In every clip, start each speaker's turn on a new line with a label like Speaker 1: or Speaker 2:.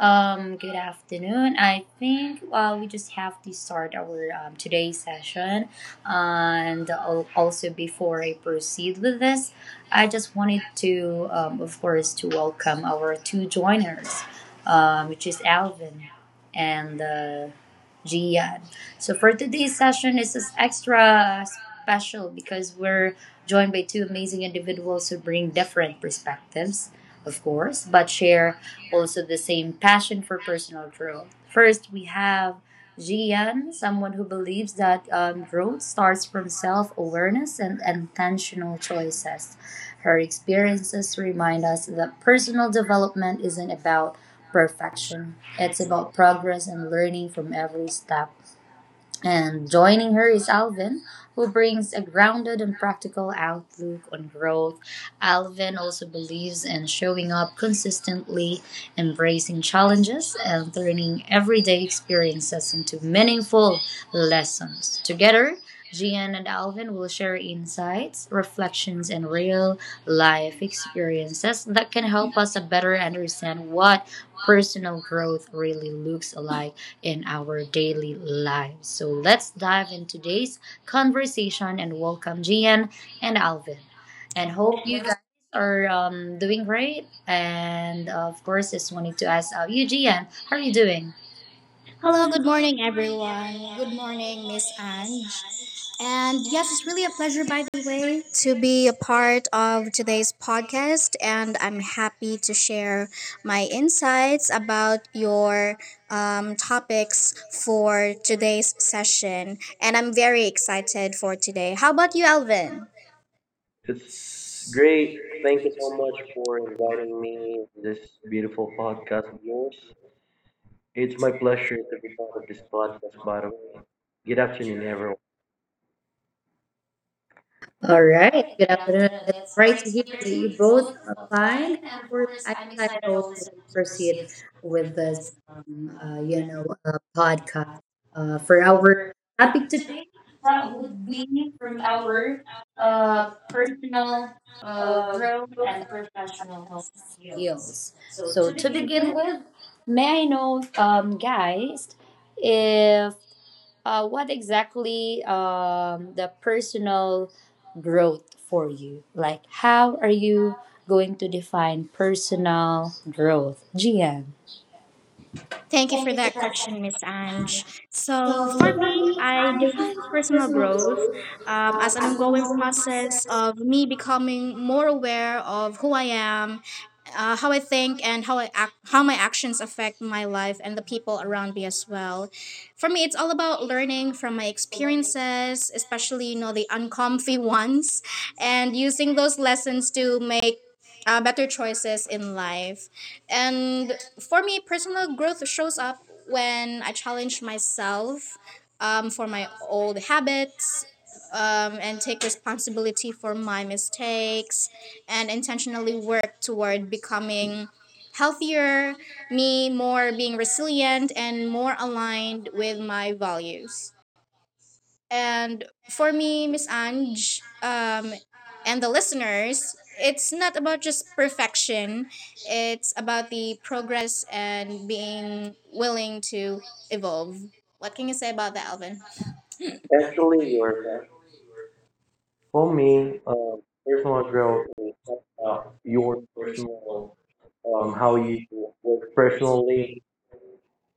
Speaker 1: Good afternoon. I think we just have to start our today's session, and also before I proceed with this, I just wanted to, of course, to welcome our two joiners, which is Alvin and Gian. So for today's session, this is extra special because we're joined by two amazing individuals who bring different perspectives of course, but share also the same passion for personal growth. First, we have Jian, someone who believes that growth starts from self awareness and intentional choices. Her experiences remind us that personal development isn't about perfection, it's
Speaker 2: That's
Speaker 1: about
Speaker 2: about problem
Speaker 1: progress and learning from every step. And joining her is Alvin, who brings a grounded and practical outlook on growth. Alvin also believes in showing up consistently, embracing challenges, and turning everyday experiences into meaningful lessons. Together, Gian and Alvin will share insights, reflections, and real life experiences that can help us better understand what personal growth really looks like in our daily lives. So let's dive in today's conversation and welcome Gian and Alvin. And
Speaker 2: and
Speaker 1: hope
Speaker 2: hope.
Speaker 1: you guys are doing great. And of course, just wanted to ask you, Gian, how are you doing?
Speaker 2: Hello,
Speaker 1: Hello.
Speaker 2: good morning, everyone. Good morning, Miss Ange. And yes, it's really a pleasure, by the way, to be a part of today's podcast. And I'm happy to share my insights about your topics for today's session. And I'm very excited for today. How about you, Alvin?
Speaker 3: It's great. Thank you so much for inviting me to this beautiful podcast of yours. It's my pleasure to be part of this podcast, by the way. Good afternoon, everyone.
Speaker 1: All
Speaker 2: All
Speaker 1: right.
Speaker 2: right.
Speaker 1: Good
Speaker 2: Good
Speaker 1: afternoon.
Speaker 2: afternoon.
Speaker 1: It's
Speaker 2: It's
Speaker 1: great
Speaker 2: great
Speaker 1: to
Speaker 2: to
Speaker 1: hear
Speaker 2: hear
Speaker 1: that
Speaker 2: that
Speaker 1: you
Speaker 2: you
Speaker 1: both
Speaker 2: both
Speaker 1: are
Speaker 2: are
Speaker 1: fine. Of
Speaker 2: fine. And of
Speaker 1: course,
Speaker 2: course,
Speaker 1: I'm
Speaker 2: I'm
Speaker 1: excited
Speaker 2: excited
Speaker 1: also to
Speaker 2: also to
Speaker 1: proceed
Speaker 2: proceed
Speaker 1: with
Speaker 2: with
Speaker 1: this,
Speaker 2: this, uh, you know,
Speaker 1: podcast
Speaker 2: podcast
Speaker 1: for
Speaker 2: for
Speaker 1: our
Speaker 2: our
Speaker 1: topic
Speaker 2: topic
Speaker 1: today
Speaker 2: today.
Speaker 1: that
Speaker 2: That would
Speaker 1: would be
Speaker 2: be
Speaker 1: from
Speaker 2: from
Speaker 1: our
Speaker 2: our
Speaker 1: uh, personal
Speaker 2: personal
Speaker 1: uh,
Speaker 2: growth
Speaker 1: growth
Speaker 2: and
Speaker 1: and
Speaker 2: professional
Speaker 1: professional
Speaker 2: skills.
Speaker 1: skills.
Speaker 2: So to
Speaker 1: So to
Speaker 2: begin
Speaker 1: begin
Speaker 2: with,
Speaker 1: with, may I know, guys, if what exactly the personal growth for you? Like, how are you going to define personal growth, Gian?
Speaker 2: thank you
Speaker 1: Thank
Speaker 2: for
Speaker 1: you for
Speaker 2: that
Speaker 1: that
Speaker 2: question, Miss
Speaker 1: question.
Speaker 2: Ange. So, for
Speaker 1: So for
Speaker 2: me,
Speaker 1: me,
Speaker 2: I
Speaker 1: I
Speaker 2: define
Speaker 1: just have a
Speaker 2: personal
Speaker 1: personal
Speaker 2: growth
Speaker 1: growth
Speaker 2: as an
Speaker 1: as an
Speaker 2: ongoing
Speaker 1: ongoing
Speaker 2: process
Speaker 1: process.
Speaker 2: of me becoming more aware of who I am, how I think, and how I act, how my actions affect my life and the people around me as well. For me, it's all about learning from my experiences, especially the uncomfy ones, and using those lessons to make better choices in life. And for me, personal growth shows up when I challenge myself for my old habits and take responsibility for my mistakes and intentionally work toward becoming healthier, me more being resilient and more aligned with my values. And for me, Miss Ange, and the listeners, it's not about just perfection. It's about the progress and being willing to evolve. What can you say about that, Alvin?
Speaker 3: Actually, your for me, personal growth is about your personal, how you work personally.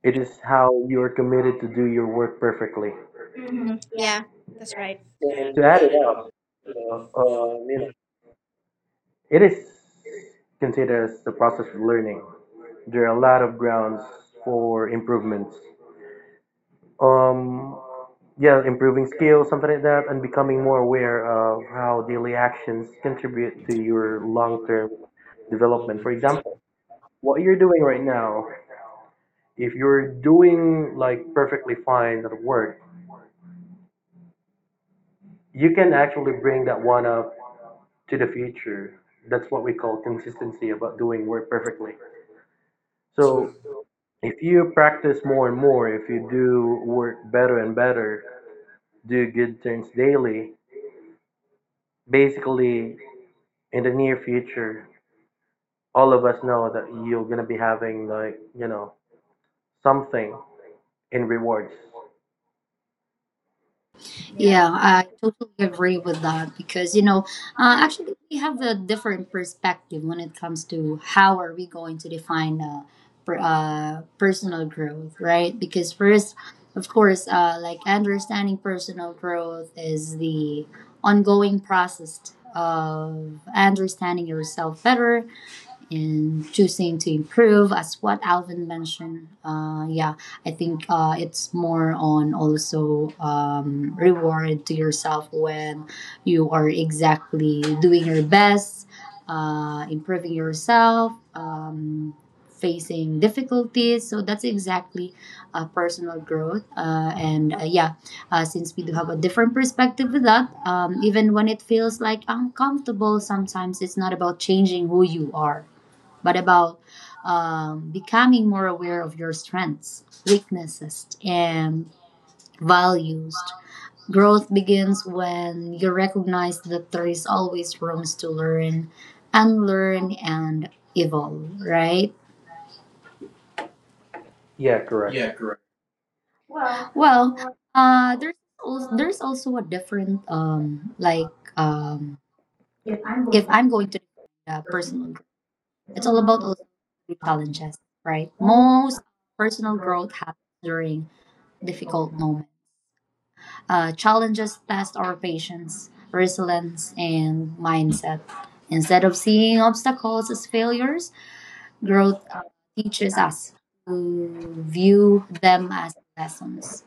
Speaker 3: It is how you are committed to do your work perfectly.
Speaker 2: Mhm. Yeah, that's right.
Speaker 3: And to add it up, uh, um, you know, it is considered as the process of learning. There are a lot of grounds for improvements. Um, yeah, improving skills, something like that, and becoming more aware of how daily actions contribute to your long-term development. For example, what you're doing right now, if you're doing like perfectly fine at work, you can actually bring that one up to the future. That's what we call consistency about doing work perfectly. So if you practice more and more, if you do work better and better, do good things daily. Basically, in the near future, all of us know that you're gonna be having like something in rewards.
Speaker 1: Yeah, I totally agree with that because actually, we have a different perspective when it comes to how are we going to define personal growth, right? Because first, of course, like understanding personal growth is the ongoing process of understanding yourself better and choosing to improve as what alvin mentioned yeah I think it's more on also reward to yourself when you are exactly doing your best improving yourself facing difficulties so that's exactly personal growth and yeah since we do have a different perspective with that even when it feels like uncomfortable sometimes it's not about changing who you are but about becoming more aware of your strengths, weaknesses, and values. Growth begins when you recognize that there is always room to learn, unlearn, and evolve, right?
Speaker 3: Yeah, correct.
Speaker 1: Yeah, correct. Well, uh, there's there's also a different if I'm going to personal growth, it's all about also the challenges, right? Most personal growth happens during difficult moment. Challenges test our patience, resilience, and mindset. Instead of seeing obstacles as failures, growth teaches us to view them as lessons.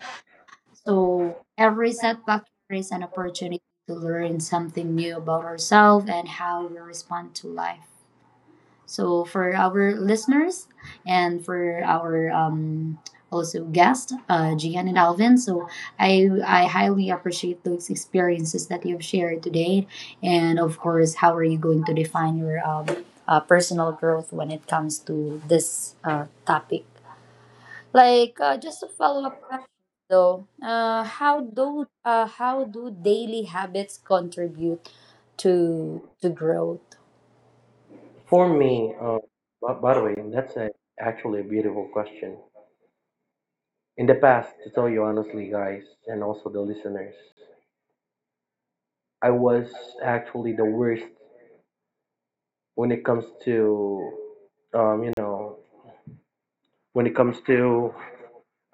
Speaker 1: So every setback is an opportunity to learn something new about ourselves and how we respond to life. So for our listeners and for our also guest, Gian and Alvin. So I highly appreciate those experiences that you've shared today, and of course, how are you going to define your personal growth when it comes to this topic? Like just a follow up question though, how do daily habits contribute to growth?
Speaker 3: For me, by the way, that's a, actually a beautiful question. In the past, to tell you honestly, guys, and also the listeners, I was actually the worst when it comes to, um, you know, when it comes to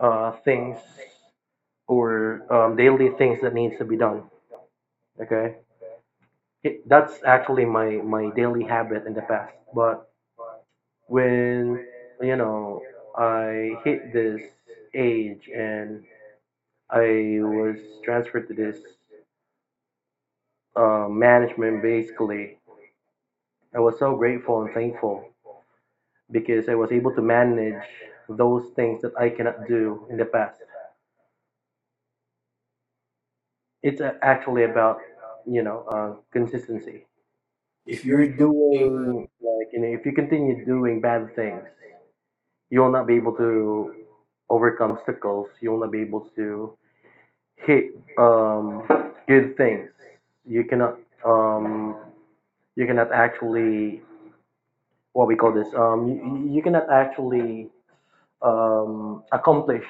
Speaker 3: things or daily things that needs to be done. Okay it, that's actually my daily habit in the past but when you know I hit this age and I was transferred to this management basically I was so grateful and thankful because I was able to manage those things that I cannot do in the past. Actually about consistency.
Speaker 1: If
Speaker 3: If
Speaker 1: you're
Speaker 3: you're
Speaker 1: doing
Speaker 3: doing like you know, if you continue doing bad things, you will not be able to overcome the obstacles. You will not be able to hit good things. You cannot um, you cannot actually what we call this. You cannot actually accomplish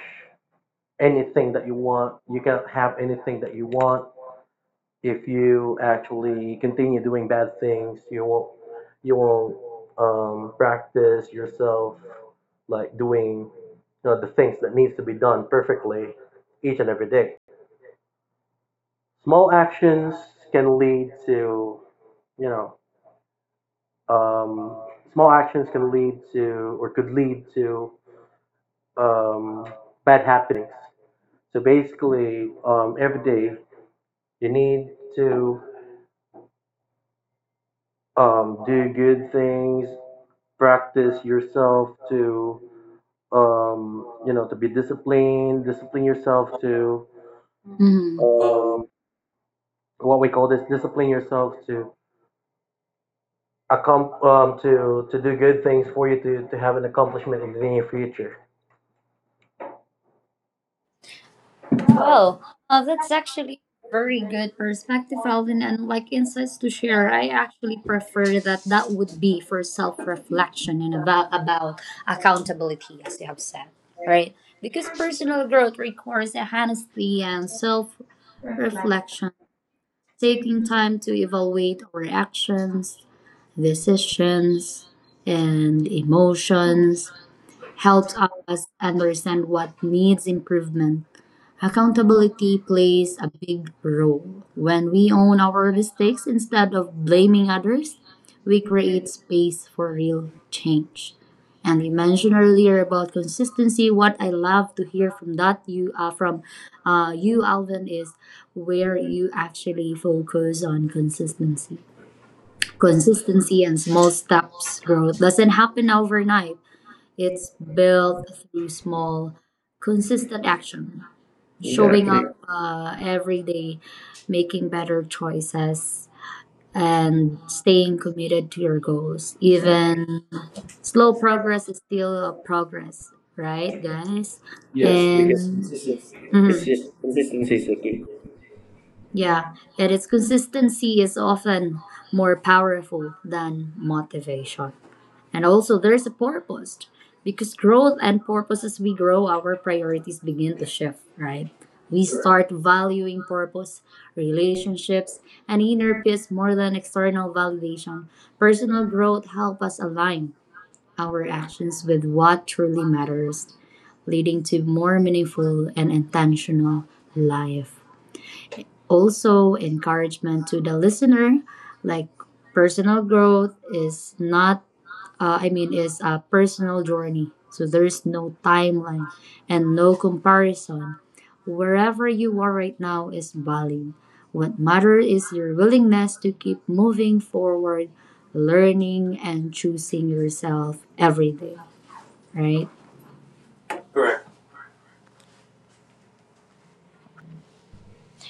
Speaker 3: anything that you want. You cannot have anything that you want if you actually continue doing bad things, you won't practice yourself like doing you know, the things that needs to be done perfectly each and every day. Small actions can lead to you know um, small actions can lead to or could lead to um, bad happenings. So basically, every day you need to do good things, practice yourself to to be disciplined, discipline yourself to
Speaker 1: Mhm.
Speaker 3: um, what we call this discipline yourself to to do good things for you to have an accomplishment in the near future.
Speaker 1: Well, that's actually very good perspective, Alvin, and like insights to share. I actually prefer that would be for self reflection and about accountability, as you have said, right? Because personal growth requires a honesty and self reflection, taking time to evaluate our actions, decisions, and emotions helps us understand what needs improvement. Accountability plays a big role. When we own our mistakes instead of blaming others, we create space for real change. And you mentioned earlier about consistency. What I love to hear from that you from you, Alvin, is where you actually focus on consistency. Consistency and small steps growth doesn't happen overnight. It's built through small, consistent action showing
Speaker 3: Exactly.
Speaker 1: up every day, making better choices, and staying committed to your goals. Even slow progress is still a progress, right, guys? Yes.
Speaker 3: Yeah.
Speaker 1: and
Speaker 3: Yes. Yes. Yes,
Speaker 1: Mhm.
Speaker 3: consistency is the key.
Speaker 1: yeah, and its consistency is often more powerful than motivation. And also, there is a purpose. Because growth and purpose, as we grow, our priorities begin to shift, right? We start valuing purpose, relationships, and inner peace more than external validation. Personal growth helps us align our actions with what truly matters, leading to more meaningful and intentional life. Also, encouragement to the listener like personal growth is not I mean, is a personal journey. So there's no timeline and no comparison. Wherever you are right now is valid. What matters is your willingness to keep moving forward, learning, and choosing yourself every day, right? Correct.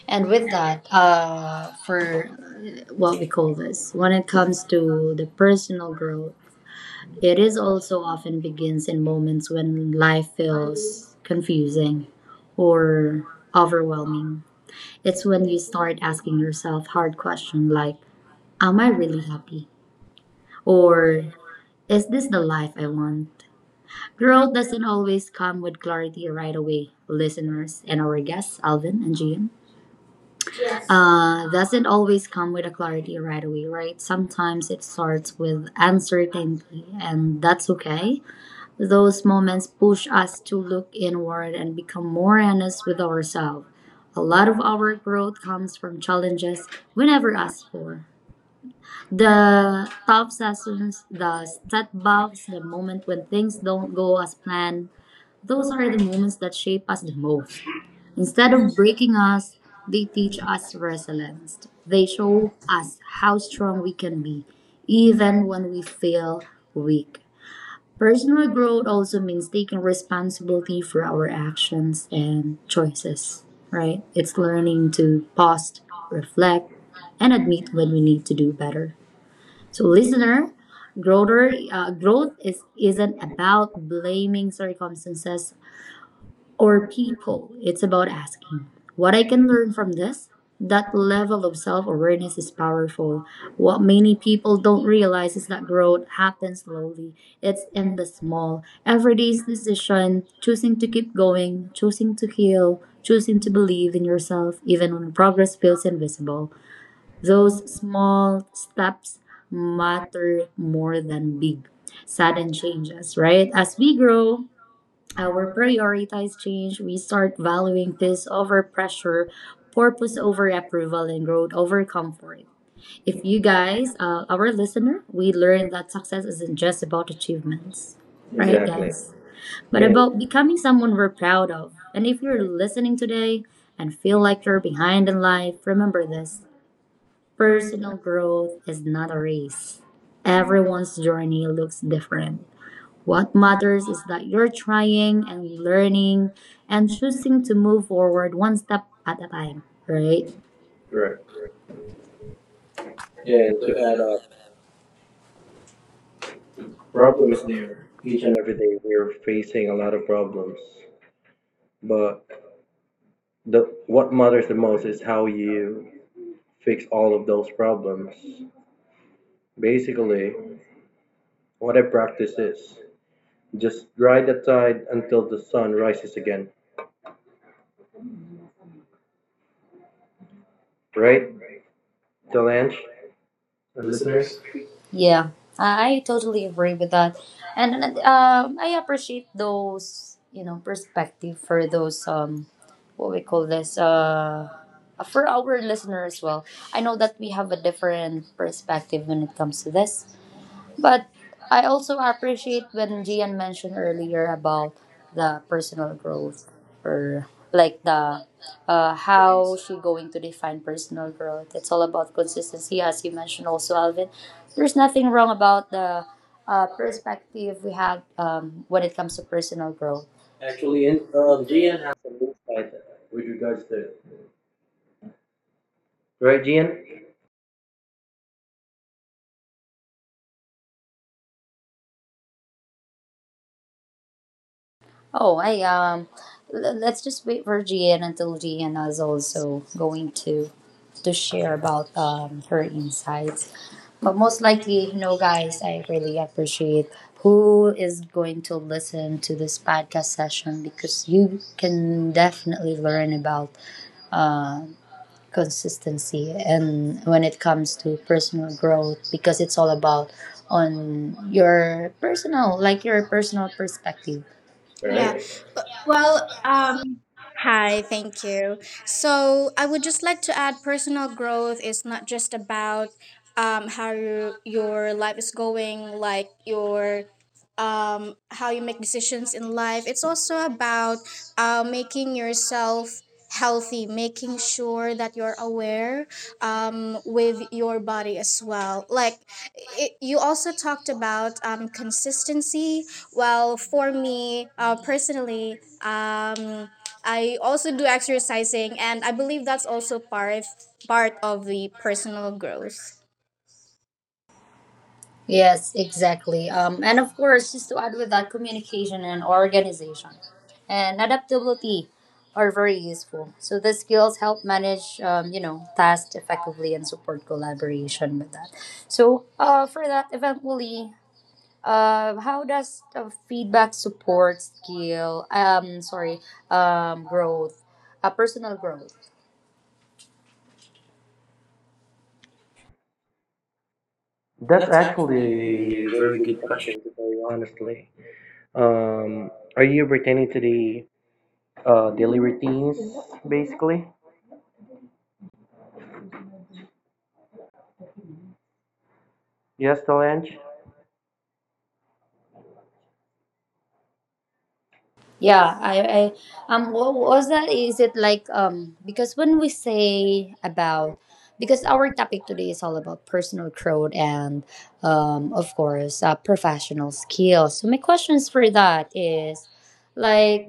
Speaker 1: And with that, for what we call this, when it comes to the personal growth, it is also often begins in moments when life feels confusing or overwhelming. It's when you start asking yourself hard questions like, am I really happy? Or is this the life I want? Growth doesn't always come with clarity right away, listeners and our guests, Alvin and Gian. Yes. Doesn't always come with a clarity right away, right? Sometimes it starts with uncertainty, and that's okay. Those moments push us to look inward and become more honest with ourselves. A lot of our growth comes from challenges we never asked for. The tough sessions, the setbacks, the moment when things don't go as planned, those are the moments that shape us the most. Instead of breaking us, they teach us resilience. They show us how strong we can be, even when we feel weak. Personal growth also means taking responsibility for our actions and choices, right? It's learning to pause, reflect, and admit when we need to do better. So, listener, growth is, isn't about blaming circumstances or people. It's about asking what I can learn from this. That level of self awareness is powerful. What many people don't realize is that growth happens slowly. It's in the small, everyday decision, choosing to keep going, choosing to heal, choosing to believe in yourself, even when progress feels invisible. Those small steps matter more than big, sudden changes, right? As we grow, our priorities change. We start valuing this over pressure, purpose over approval, and growth over comfort. If you guys, our listener, we learn that success isn't just about achievements, right,
Speaker 3: Exactly.
Speaker 1: guys? But
Speaker 3: And
Speaker 1: about becoming someone we're proud of. And if you're listening today and feel like you're behind in life, remember this personal growth is not a race. Everyone's journey looks different. What matters is that you're trying and learning and choosing to move forward one step at a time, right? Correct.
Speaker 3: correct. And
Speaker 1: And
Speaker 3: to
Speaker 1: to add
Speaker 3: add
Speaker 1: on,
Speaker 3: up, problems,
Speaker 1: problems there, each
Speaker 3: each
Speaker 1: and
Speaker 3: and every day we're facing a lot of problems. But the what matters the most is how you fix all of those problems. Basically, what I practice is just ride the tide until the sun rises again. Right, Delange and
Speaker 1: every
Speaker 3: listeners?
Speaker 1: listeners. Yeah, I totally agree with that, and I appreciate those perspective for those what we call this for our listener as well. I know that we have a different perspective when it comes to this, but I also appreciate when Gian mentioned earlier about the personal growth or like the how she going to define personal growth. It's all about consistency, as you mentioned also, Alvin. There's nothing wrong about the perspective we have when it comes to personal growth.
Speaker 3: Actually, in Gian has a with regards to it. Right, Gian?
Speaker 1: Oh, I um, let's just wait for Gian until Gian is also going to share about her insights. But most likely, you know, guys, I really appreciate who is going to listen to this podcast session because you can definitely learn about uh, consistency and when it comes to personal growth
Speaker 2: The
Speaker 1: because
Speaker 2: people
Speaker 1: it's all
Speaker 2: about
Speaker 1: about
Speaker 2: on
Speaker 1: on your
Speaker 2: your no,
Speaker 1: personal,
Speaker 2: like
Speaker 1: like your
Speaker 2: your personal
Speaker 1: personal
Speaker 2: perspective.
Speaker 1: perspective.
Speaker 2: Yeah.
Speaker 3: Alright.
Speaker 2: Uh,
Speaker 1: Well,
Speaker 2: Well,
Speaker 1: um,
Speaker 2: um, hi, thank you. So I would just like to add personal growth is not just about how your life is going, like your how you make decisions in life. It's also about making yourself healthy, making sure that you're aware with your body as well. Like it, you also talked about consistency. Well, for me personally, I also do exercising, and I believe that's also part of the personal growth.
Speaker 1: yes,
Speaker 2: Yes,
Speaker 1: exactly.
Speaker 2: exactly.
Speaker 1: And
Speaker 2: And
Speaker 1: of course, just
Speaker 2: of
Speaker 1: to add with
Speaker 2: course,
Speaker 1: that,
Speaker 2: on
Speaker 1: communication
Speaker 2: communication and
Speaker 1: and
Speaker 2: organ
Speaker 1: organization and adaptability are very useful. So the skills help manage, tasks effectively and support collaboration with that. So, for that, eventually, how does feedback support skill? Sorry, growth, personal growth.
Speaker 3: That's
Speaker 1: That's
Speaker 3: actually a
Speaker 1: actually a
Speaker 3: very
Speaker 1: very
Speaker 3: good
Speaker 1: good question.
Speaker 3: question to tell you honestly. Um, are you pertaining to the daily routines, basically? Yes, Delange?
Speaker 1: Yeah, I what was that? Is it like because when we say about because our topic today is all about personal growth and of course professional skills. So my questions for that is like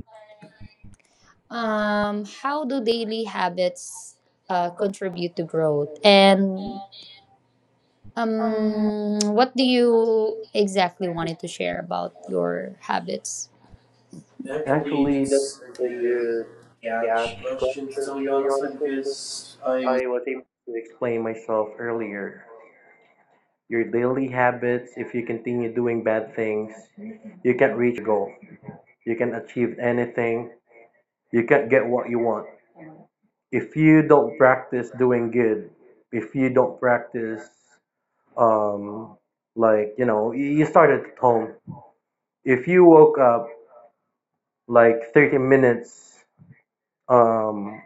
Speaker 1: how do daily habits contribute to growth and what do you exactly wanted to share about your habits? Actually,
Speaker 3: Actually, that's
Speaker 1: that's a
Speaker 3: a
Speaker 1: good
Speaker 3: good
Speaker 1: catch
Speaker 3: catch
Speaker 1: question to
Speaker 3: question
Speaker 1: tell you
Speaker 3: for you,
Speaker 1: honestly
Speaker 3: honestly, because
Speaker 1: because I was.
Speaker 3: I was able to explain myself earlier. Your daily habits, if you continue doing bad things, you can't reach goal. You can't achieve anything. You can't get what you want. If you don't practice doing good, if you don't practice, um, you start at home. If you woke up like 30 minutes um,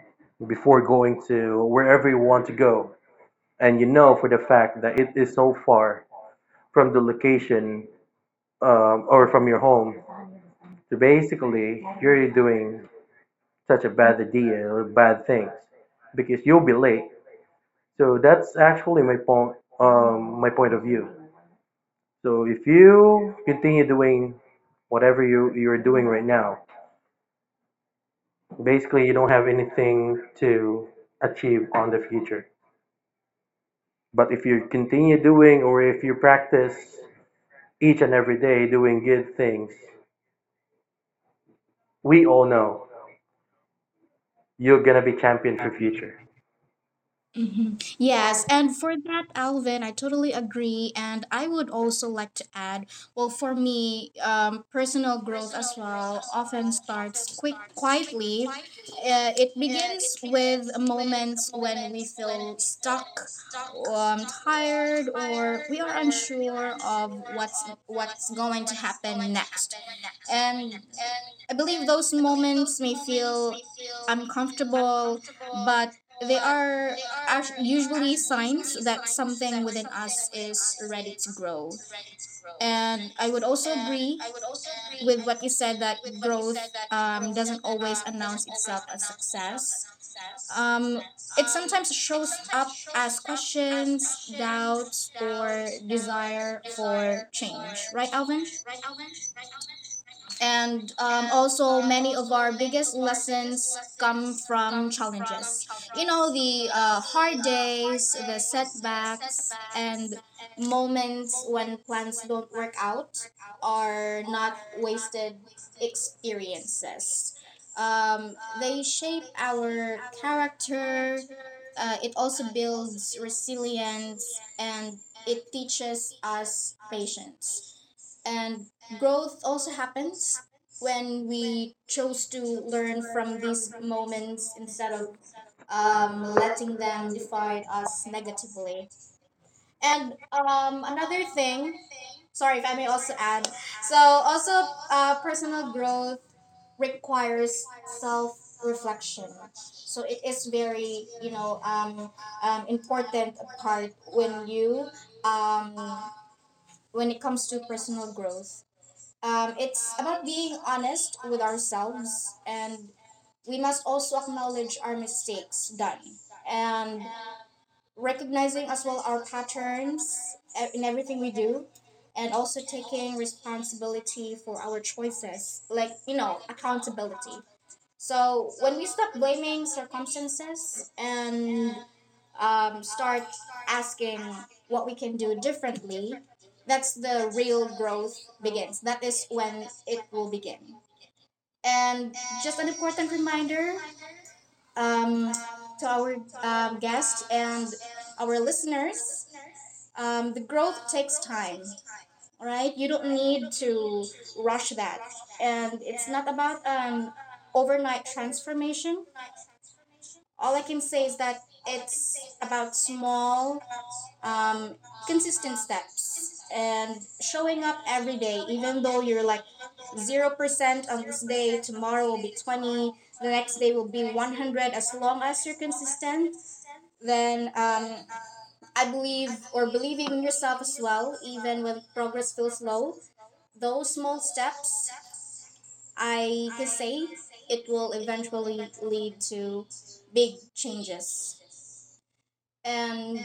Speaker 3: before going to wherever you want to go. And you know for the fact that it is so far from the location or from your home. So basically, you're doing such a bad idea or bad things because you'll be late. So that's actually my point of view. So if you continue doing whatever you're doing right now, basically you don't have anything to achieve on the future. But if you continue doing or if you practice each and every day doing good things, we all know you're going to be champion for future.
Speaker 2: hmm. Yes, and for that, Alvin, I totally agree, and I would also like to add. Well, for me, personal growth as well often starts quick quietly. It begins with moments when we feel stuck, tired, or we are unsure of what's going to happen next. And I believe those moments may feel uncomfortable, but they usually signs that something within us is ready to grow. And I would also agree with what you said that growth doesn't always announce itself as success. Um, it sometimes shows up as questions, doubts, or desire for change. Right, Alvin? And also, many of our biggest lessons come from challenges. You know, the hard days, the setbacks, and moments when plans don't work out are not wasted experiences. Um, they shape our character, it also builds resilience, and it teaches us patience. And growth also happens when we chose to learn from these moments instead of letting them define us negatively. And another thing, sorry if I may also add, so also personal growth requires self reflection. So it is very, you know, important part when you, um, when it comes to personal growth. It's about being honest with ourselves, and we must also acknowledge our mistakes done and recognizing as well our patterns in everything we do, and also taking responsibility for our choices, like, you know, accountability. So when we stop blaming circumstances and start asking what we can do differently, that's the real growth begins. That is when it will begin. And just an important reminder um, to our guests and our listeners, the growth takes time, all right? You don't need to rush that. And it's not about an overnight transformation. All I can say is that it's about small um, consistent steps and showing up every day, even though you're like 0% on this day, tomorrow will be 20, the next day will be 100. As long as you're consistent, then I believe or believing in yourself as well, even when progress feels slow. Those small steps, I can say it will eventually lead to big changes. And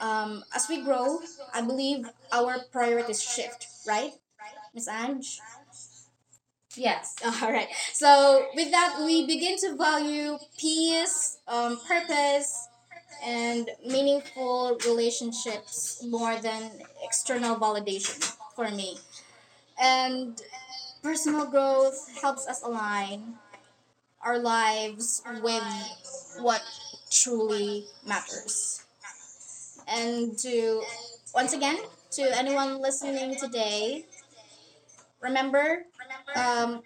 Speaker 2: as we grow, I believe our priorities shift, right, Miss Ange? Yes. All right. So with that, we begin to value peace, purpose, and meaningful relationships more than external validation for me. And personal growth helps us align our lives with what truly matters. And to once again, to anyone listening today, remember, um,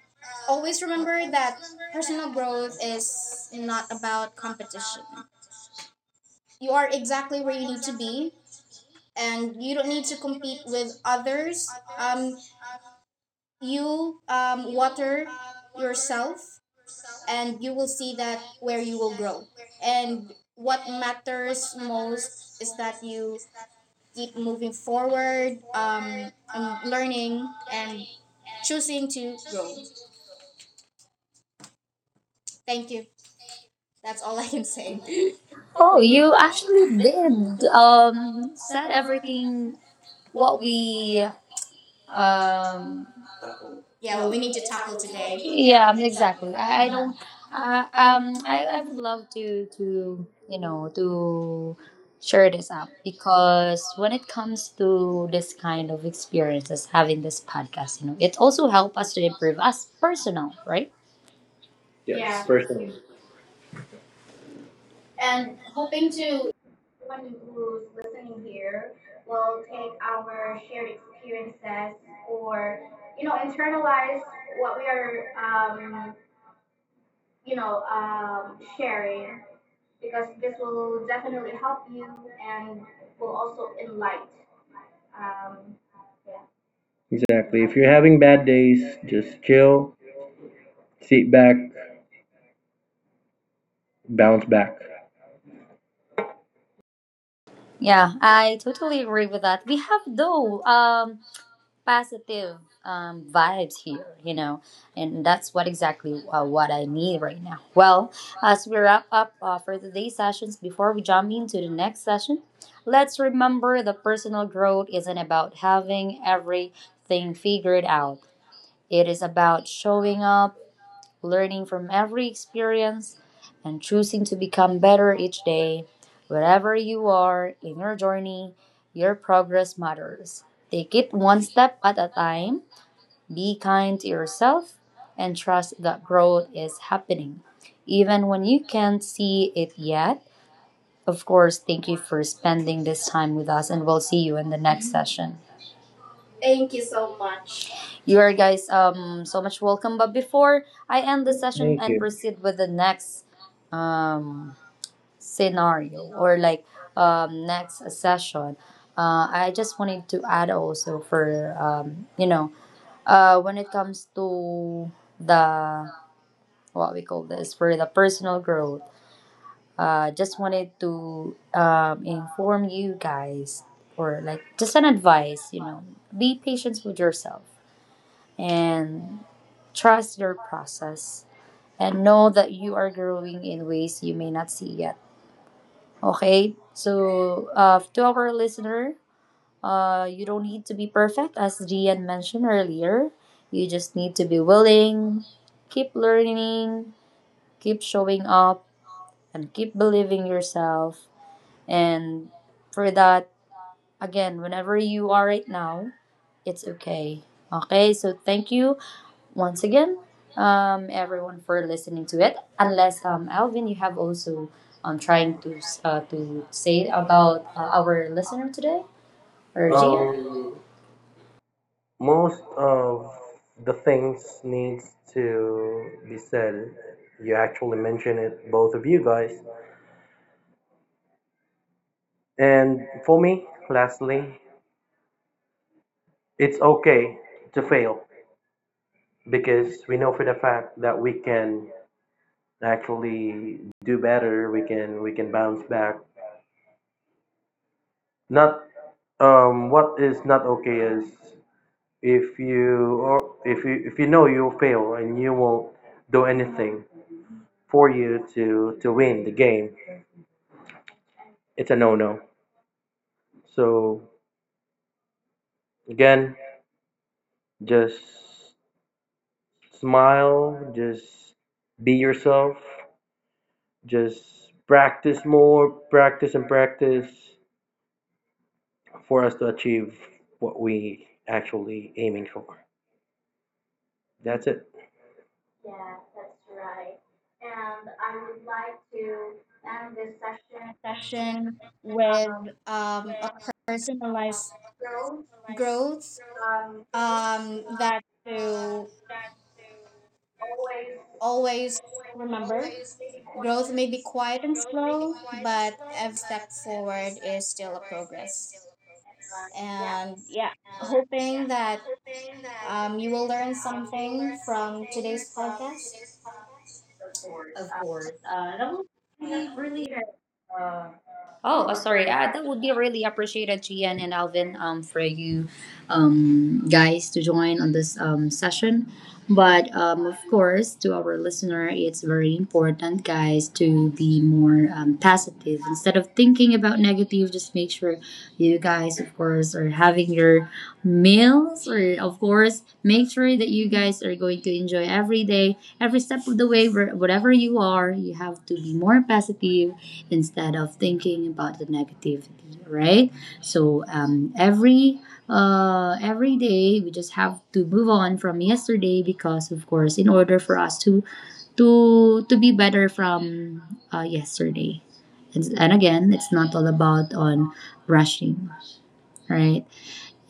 Speaker 2: always remember that personal growth is not about competition. You are exactly where you need to be, and you don't need to compete with others. Um, you water yourself, and you will see that where you will grow. And what matters most is that you keep moving forward, learning, and choosing to grow. Thank you. That's all I can say. Oh,
Speaker 1: Oh,
Speaker 2: you
Speaker 1: you
Speaker 2: actually
Speaker 1: actually
Speaker 2: did
Speaker 1: did
Speaker 2: said
Speaker 1: said
Speaker 2: everything
Speaker 1: everything
Speaker 2: what
Speaker 1: what
Speaker 2: we
Speaker 1: we
Speaker 2: um
Speaker 1: um
Speaker 2: yeah,
Speaker 1: yeah
Speaker 2: what
Speaker 1: what
Speaker 2: we
Speaker 1: we
Speaker 2: need
Speaker 1: need
Speaker 2: to
Speaker 1: to
Speaker 2: tackle
Speaker 1: tackle today.
Speaker 2: today.
Speaker 1: Yeah,
Speaker 2: Yeah, exactly.
Speaker 1: exactly.
Speaker 2: I
Speaker 1: I
Speaker 2: don't
Speaker 1: don't
Speaker 2: I I
Speaker 1: I would
Speaker 2: would
Speaker 1: love to you know to share this up because when it comes to this kind of experiences having this podcast, you know, it also help us to improve us personal, right?
Speaker 3: Yes,
Speaker 1: Yes,
Speaker 3: personally.
Speaker 1: yeah, and hoping to
Speaker 3: Exactly. If you're having bad days, just chill, sit back, bounce back.
Speaker 1: yeah, I totally agree with that. We have though positive vibes here, you know, and that's what exactly what I need right now. Well, as we wrap up for today's sessions, before we jump into the next session, let's remember the personal growth isn't about having everything figured out. It is about showing up learning from every experience and choosing to become better each day. Wherever you are in your journey, your progress matters. Take it one step at a time, be kind to yourself, and trust that growth is happening. Even when you can't see it yet, of course, thank you for spending this time with us, and we'll see you in the next session. Thank you so much. You are guys so much welcome. But before I end the session
Speaker 3: Thank
Speaker 1: and
Speaker 3: you.
Speaker 1: proceed with the next um scenario or like next session, I just wanted to add also for when it comes to the what we call this for the personal growth. Just wanted to inform you guys or like just an advice. You know, be patient with yourself and trust your process and know that you are growing in ways you may not see yet. Okay? So, to our listener, you don't need to be perfect, as Gian mentioned earlier. You just need to be willing, keep learning, keep showing up, and keep believing yourself. And for that, again, whenever you are right now, it's okay. Okay, so thank you once again, everyone for listening to it. Unless Alvin, you have also to say about our listener today or Gia.
Speaker 3: Um, most of the things needs to be said. You actually mentioned it, both of you guys. And for me, lastly, it's okay to fail because we know for the fact that we can actually do better. We can bounce back. Not what is not okay is if you or if you know you'll fail and you won't do anything for you to win the game. It's a no no. So again, just smile, just be yourself, just practice more, practice and practice for us to achieve what we actually aiming for. That's it.
Speaker 2: session with a personalized growth that to always remember. Growth may be quiet and slow, but every step forward is still a progress. And yeah, hoping that you will learn something from today's podcast. Of course. That will be really
Speaker 1: Oh, sorry. That would be really appreciated, Gian and Alvin, for you guys to join on this session. But of course, to our listener, it's very important, guys, to be more positive. Instead of thinking about negative, just make sure you guys, of course, are having your meals. Or, of course, make sure that you guys are going to enjoy every day, every step of the way, whatever you are, you have to be more positive instead of thinking about the negativity right so every day we just have to move on from yesterday because of course in order for us to be better from yesterday and again it's not all about on rushing right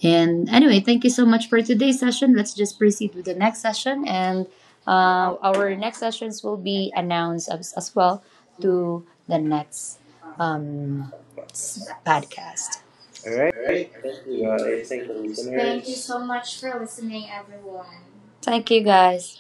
Speaker 1: and anyway, thank you so much for today's session. Let's just proceed with the next session. And our next sessions will be announced as well to the next um, podcast.
Speaker 3: All right
Speaker 1: All right.
Speaker 3: thank you guys, thank you
Speaker 1: Thank you
Speaker 3: listeners.
Speaker 1: so much for listening, everyone. Thank you, guys.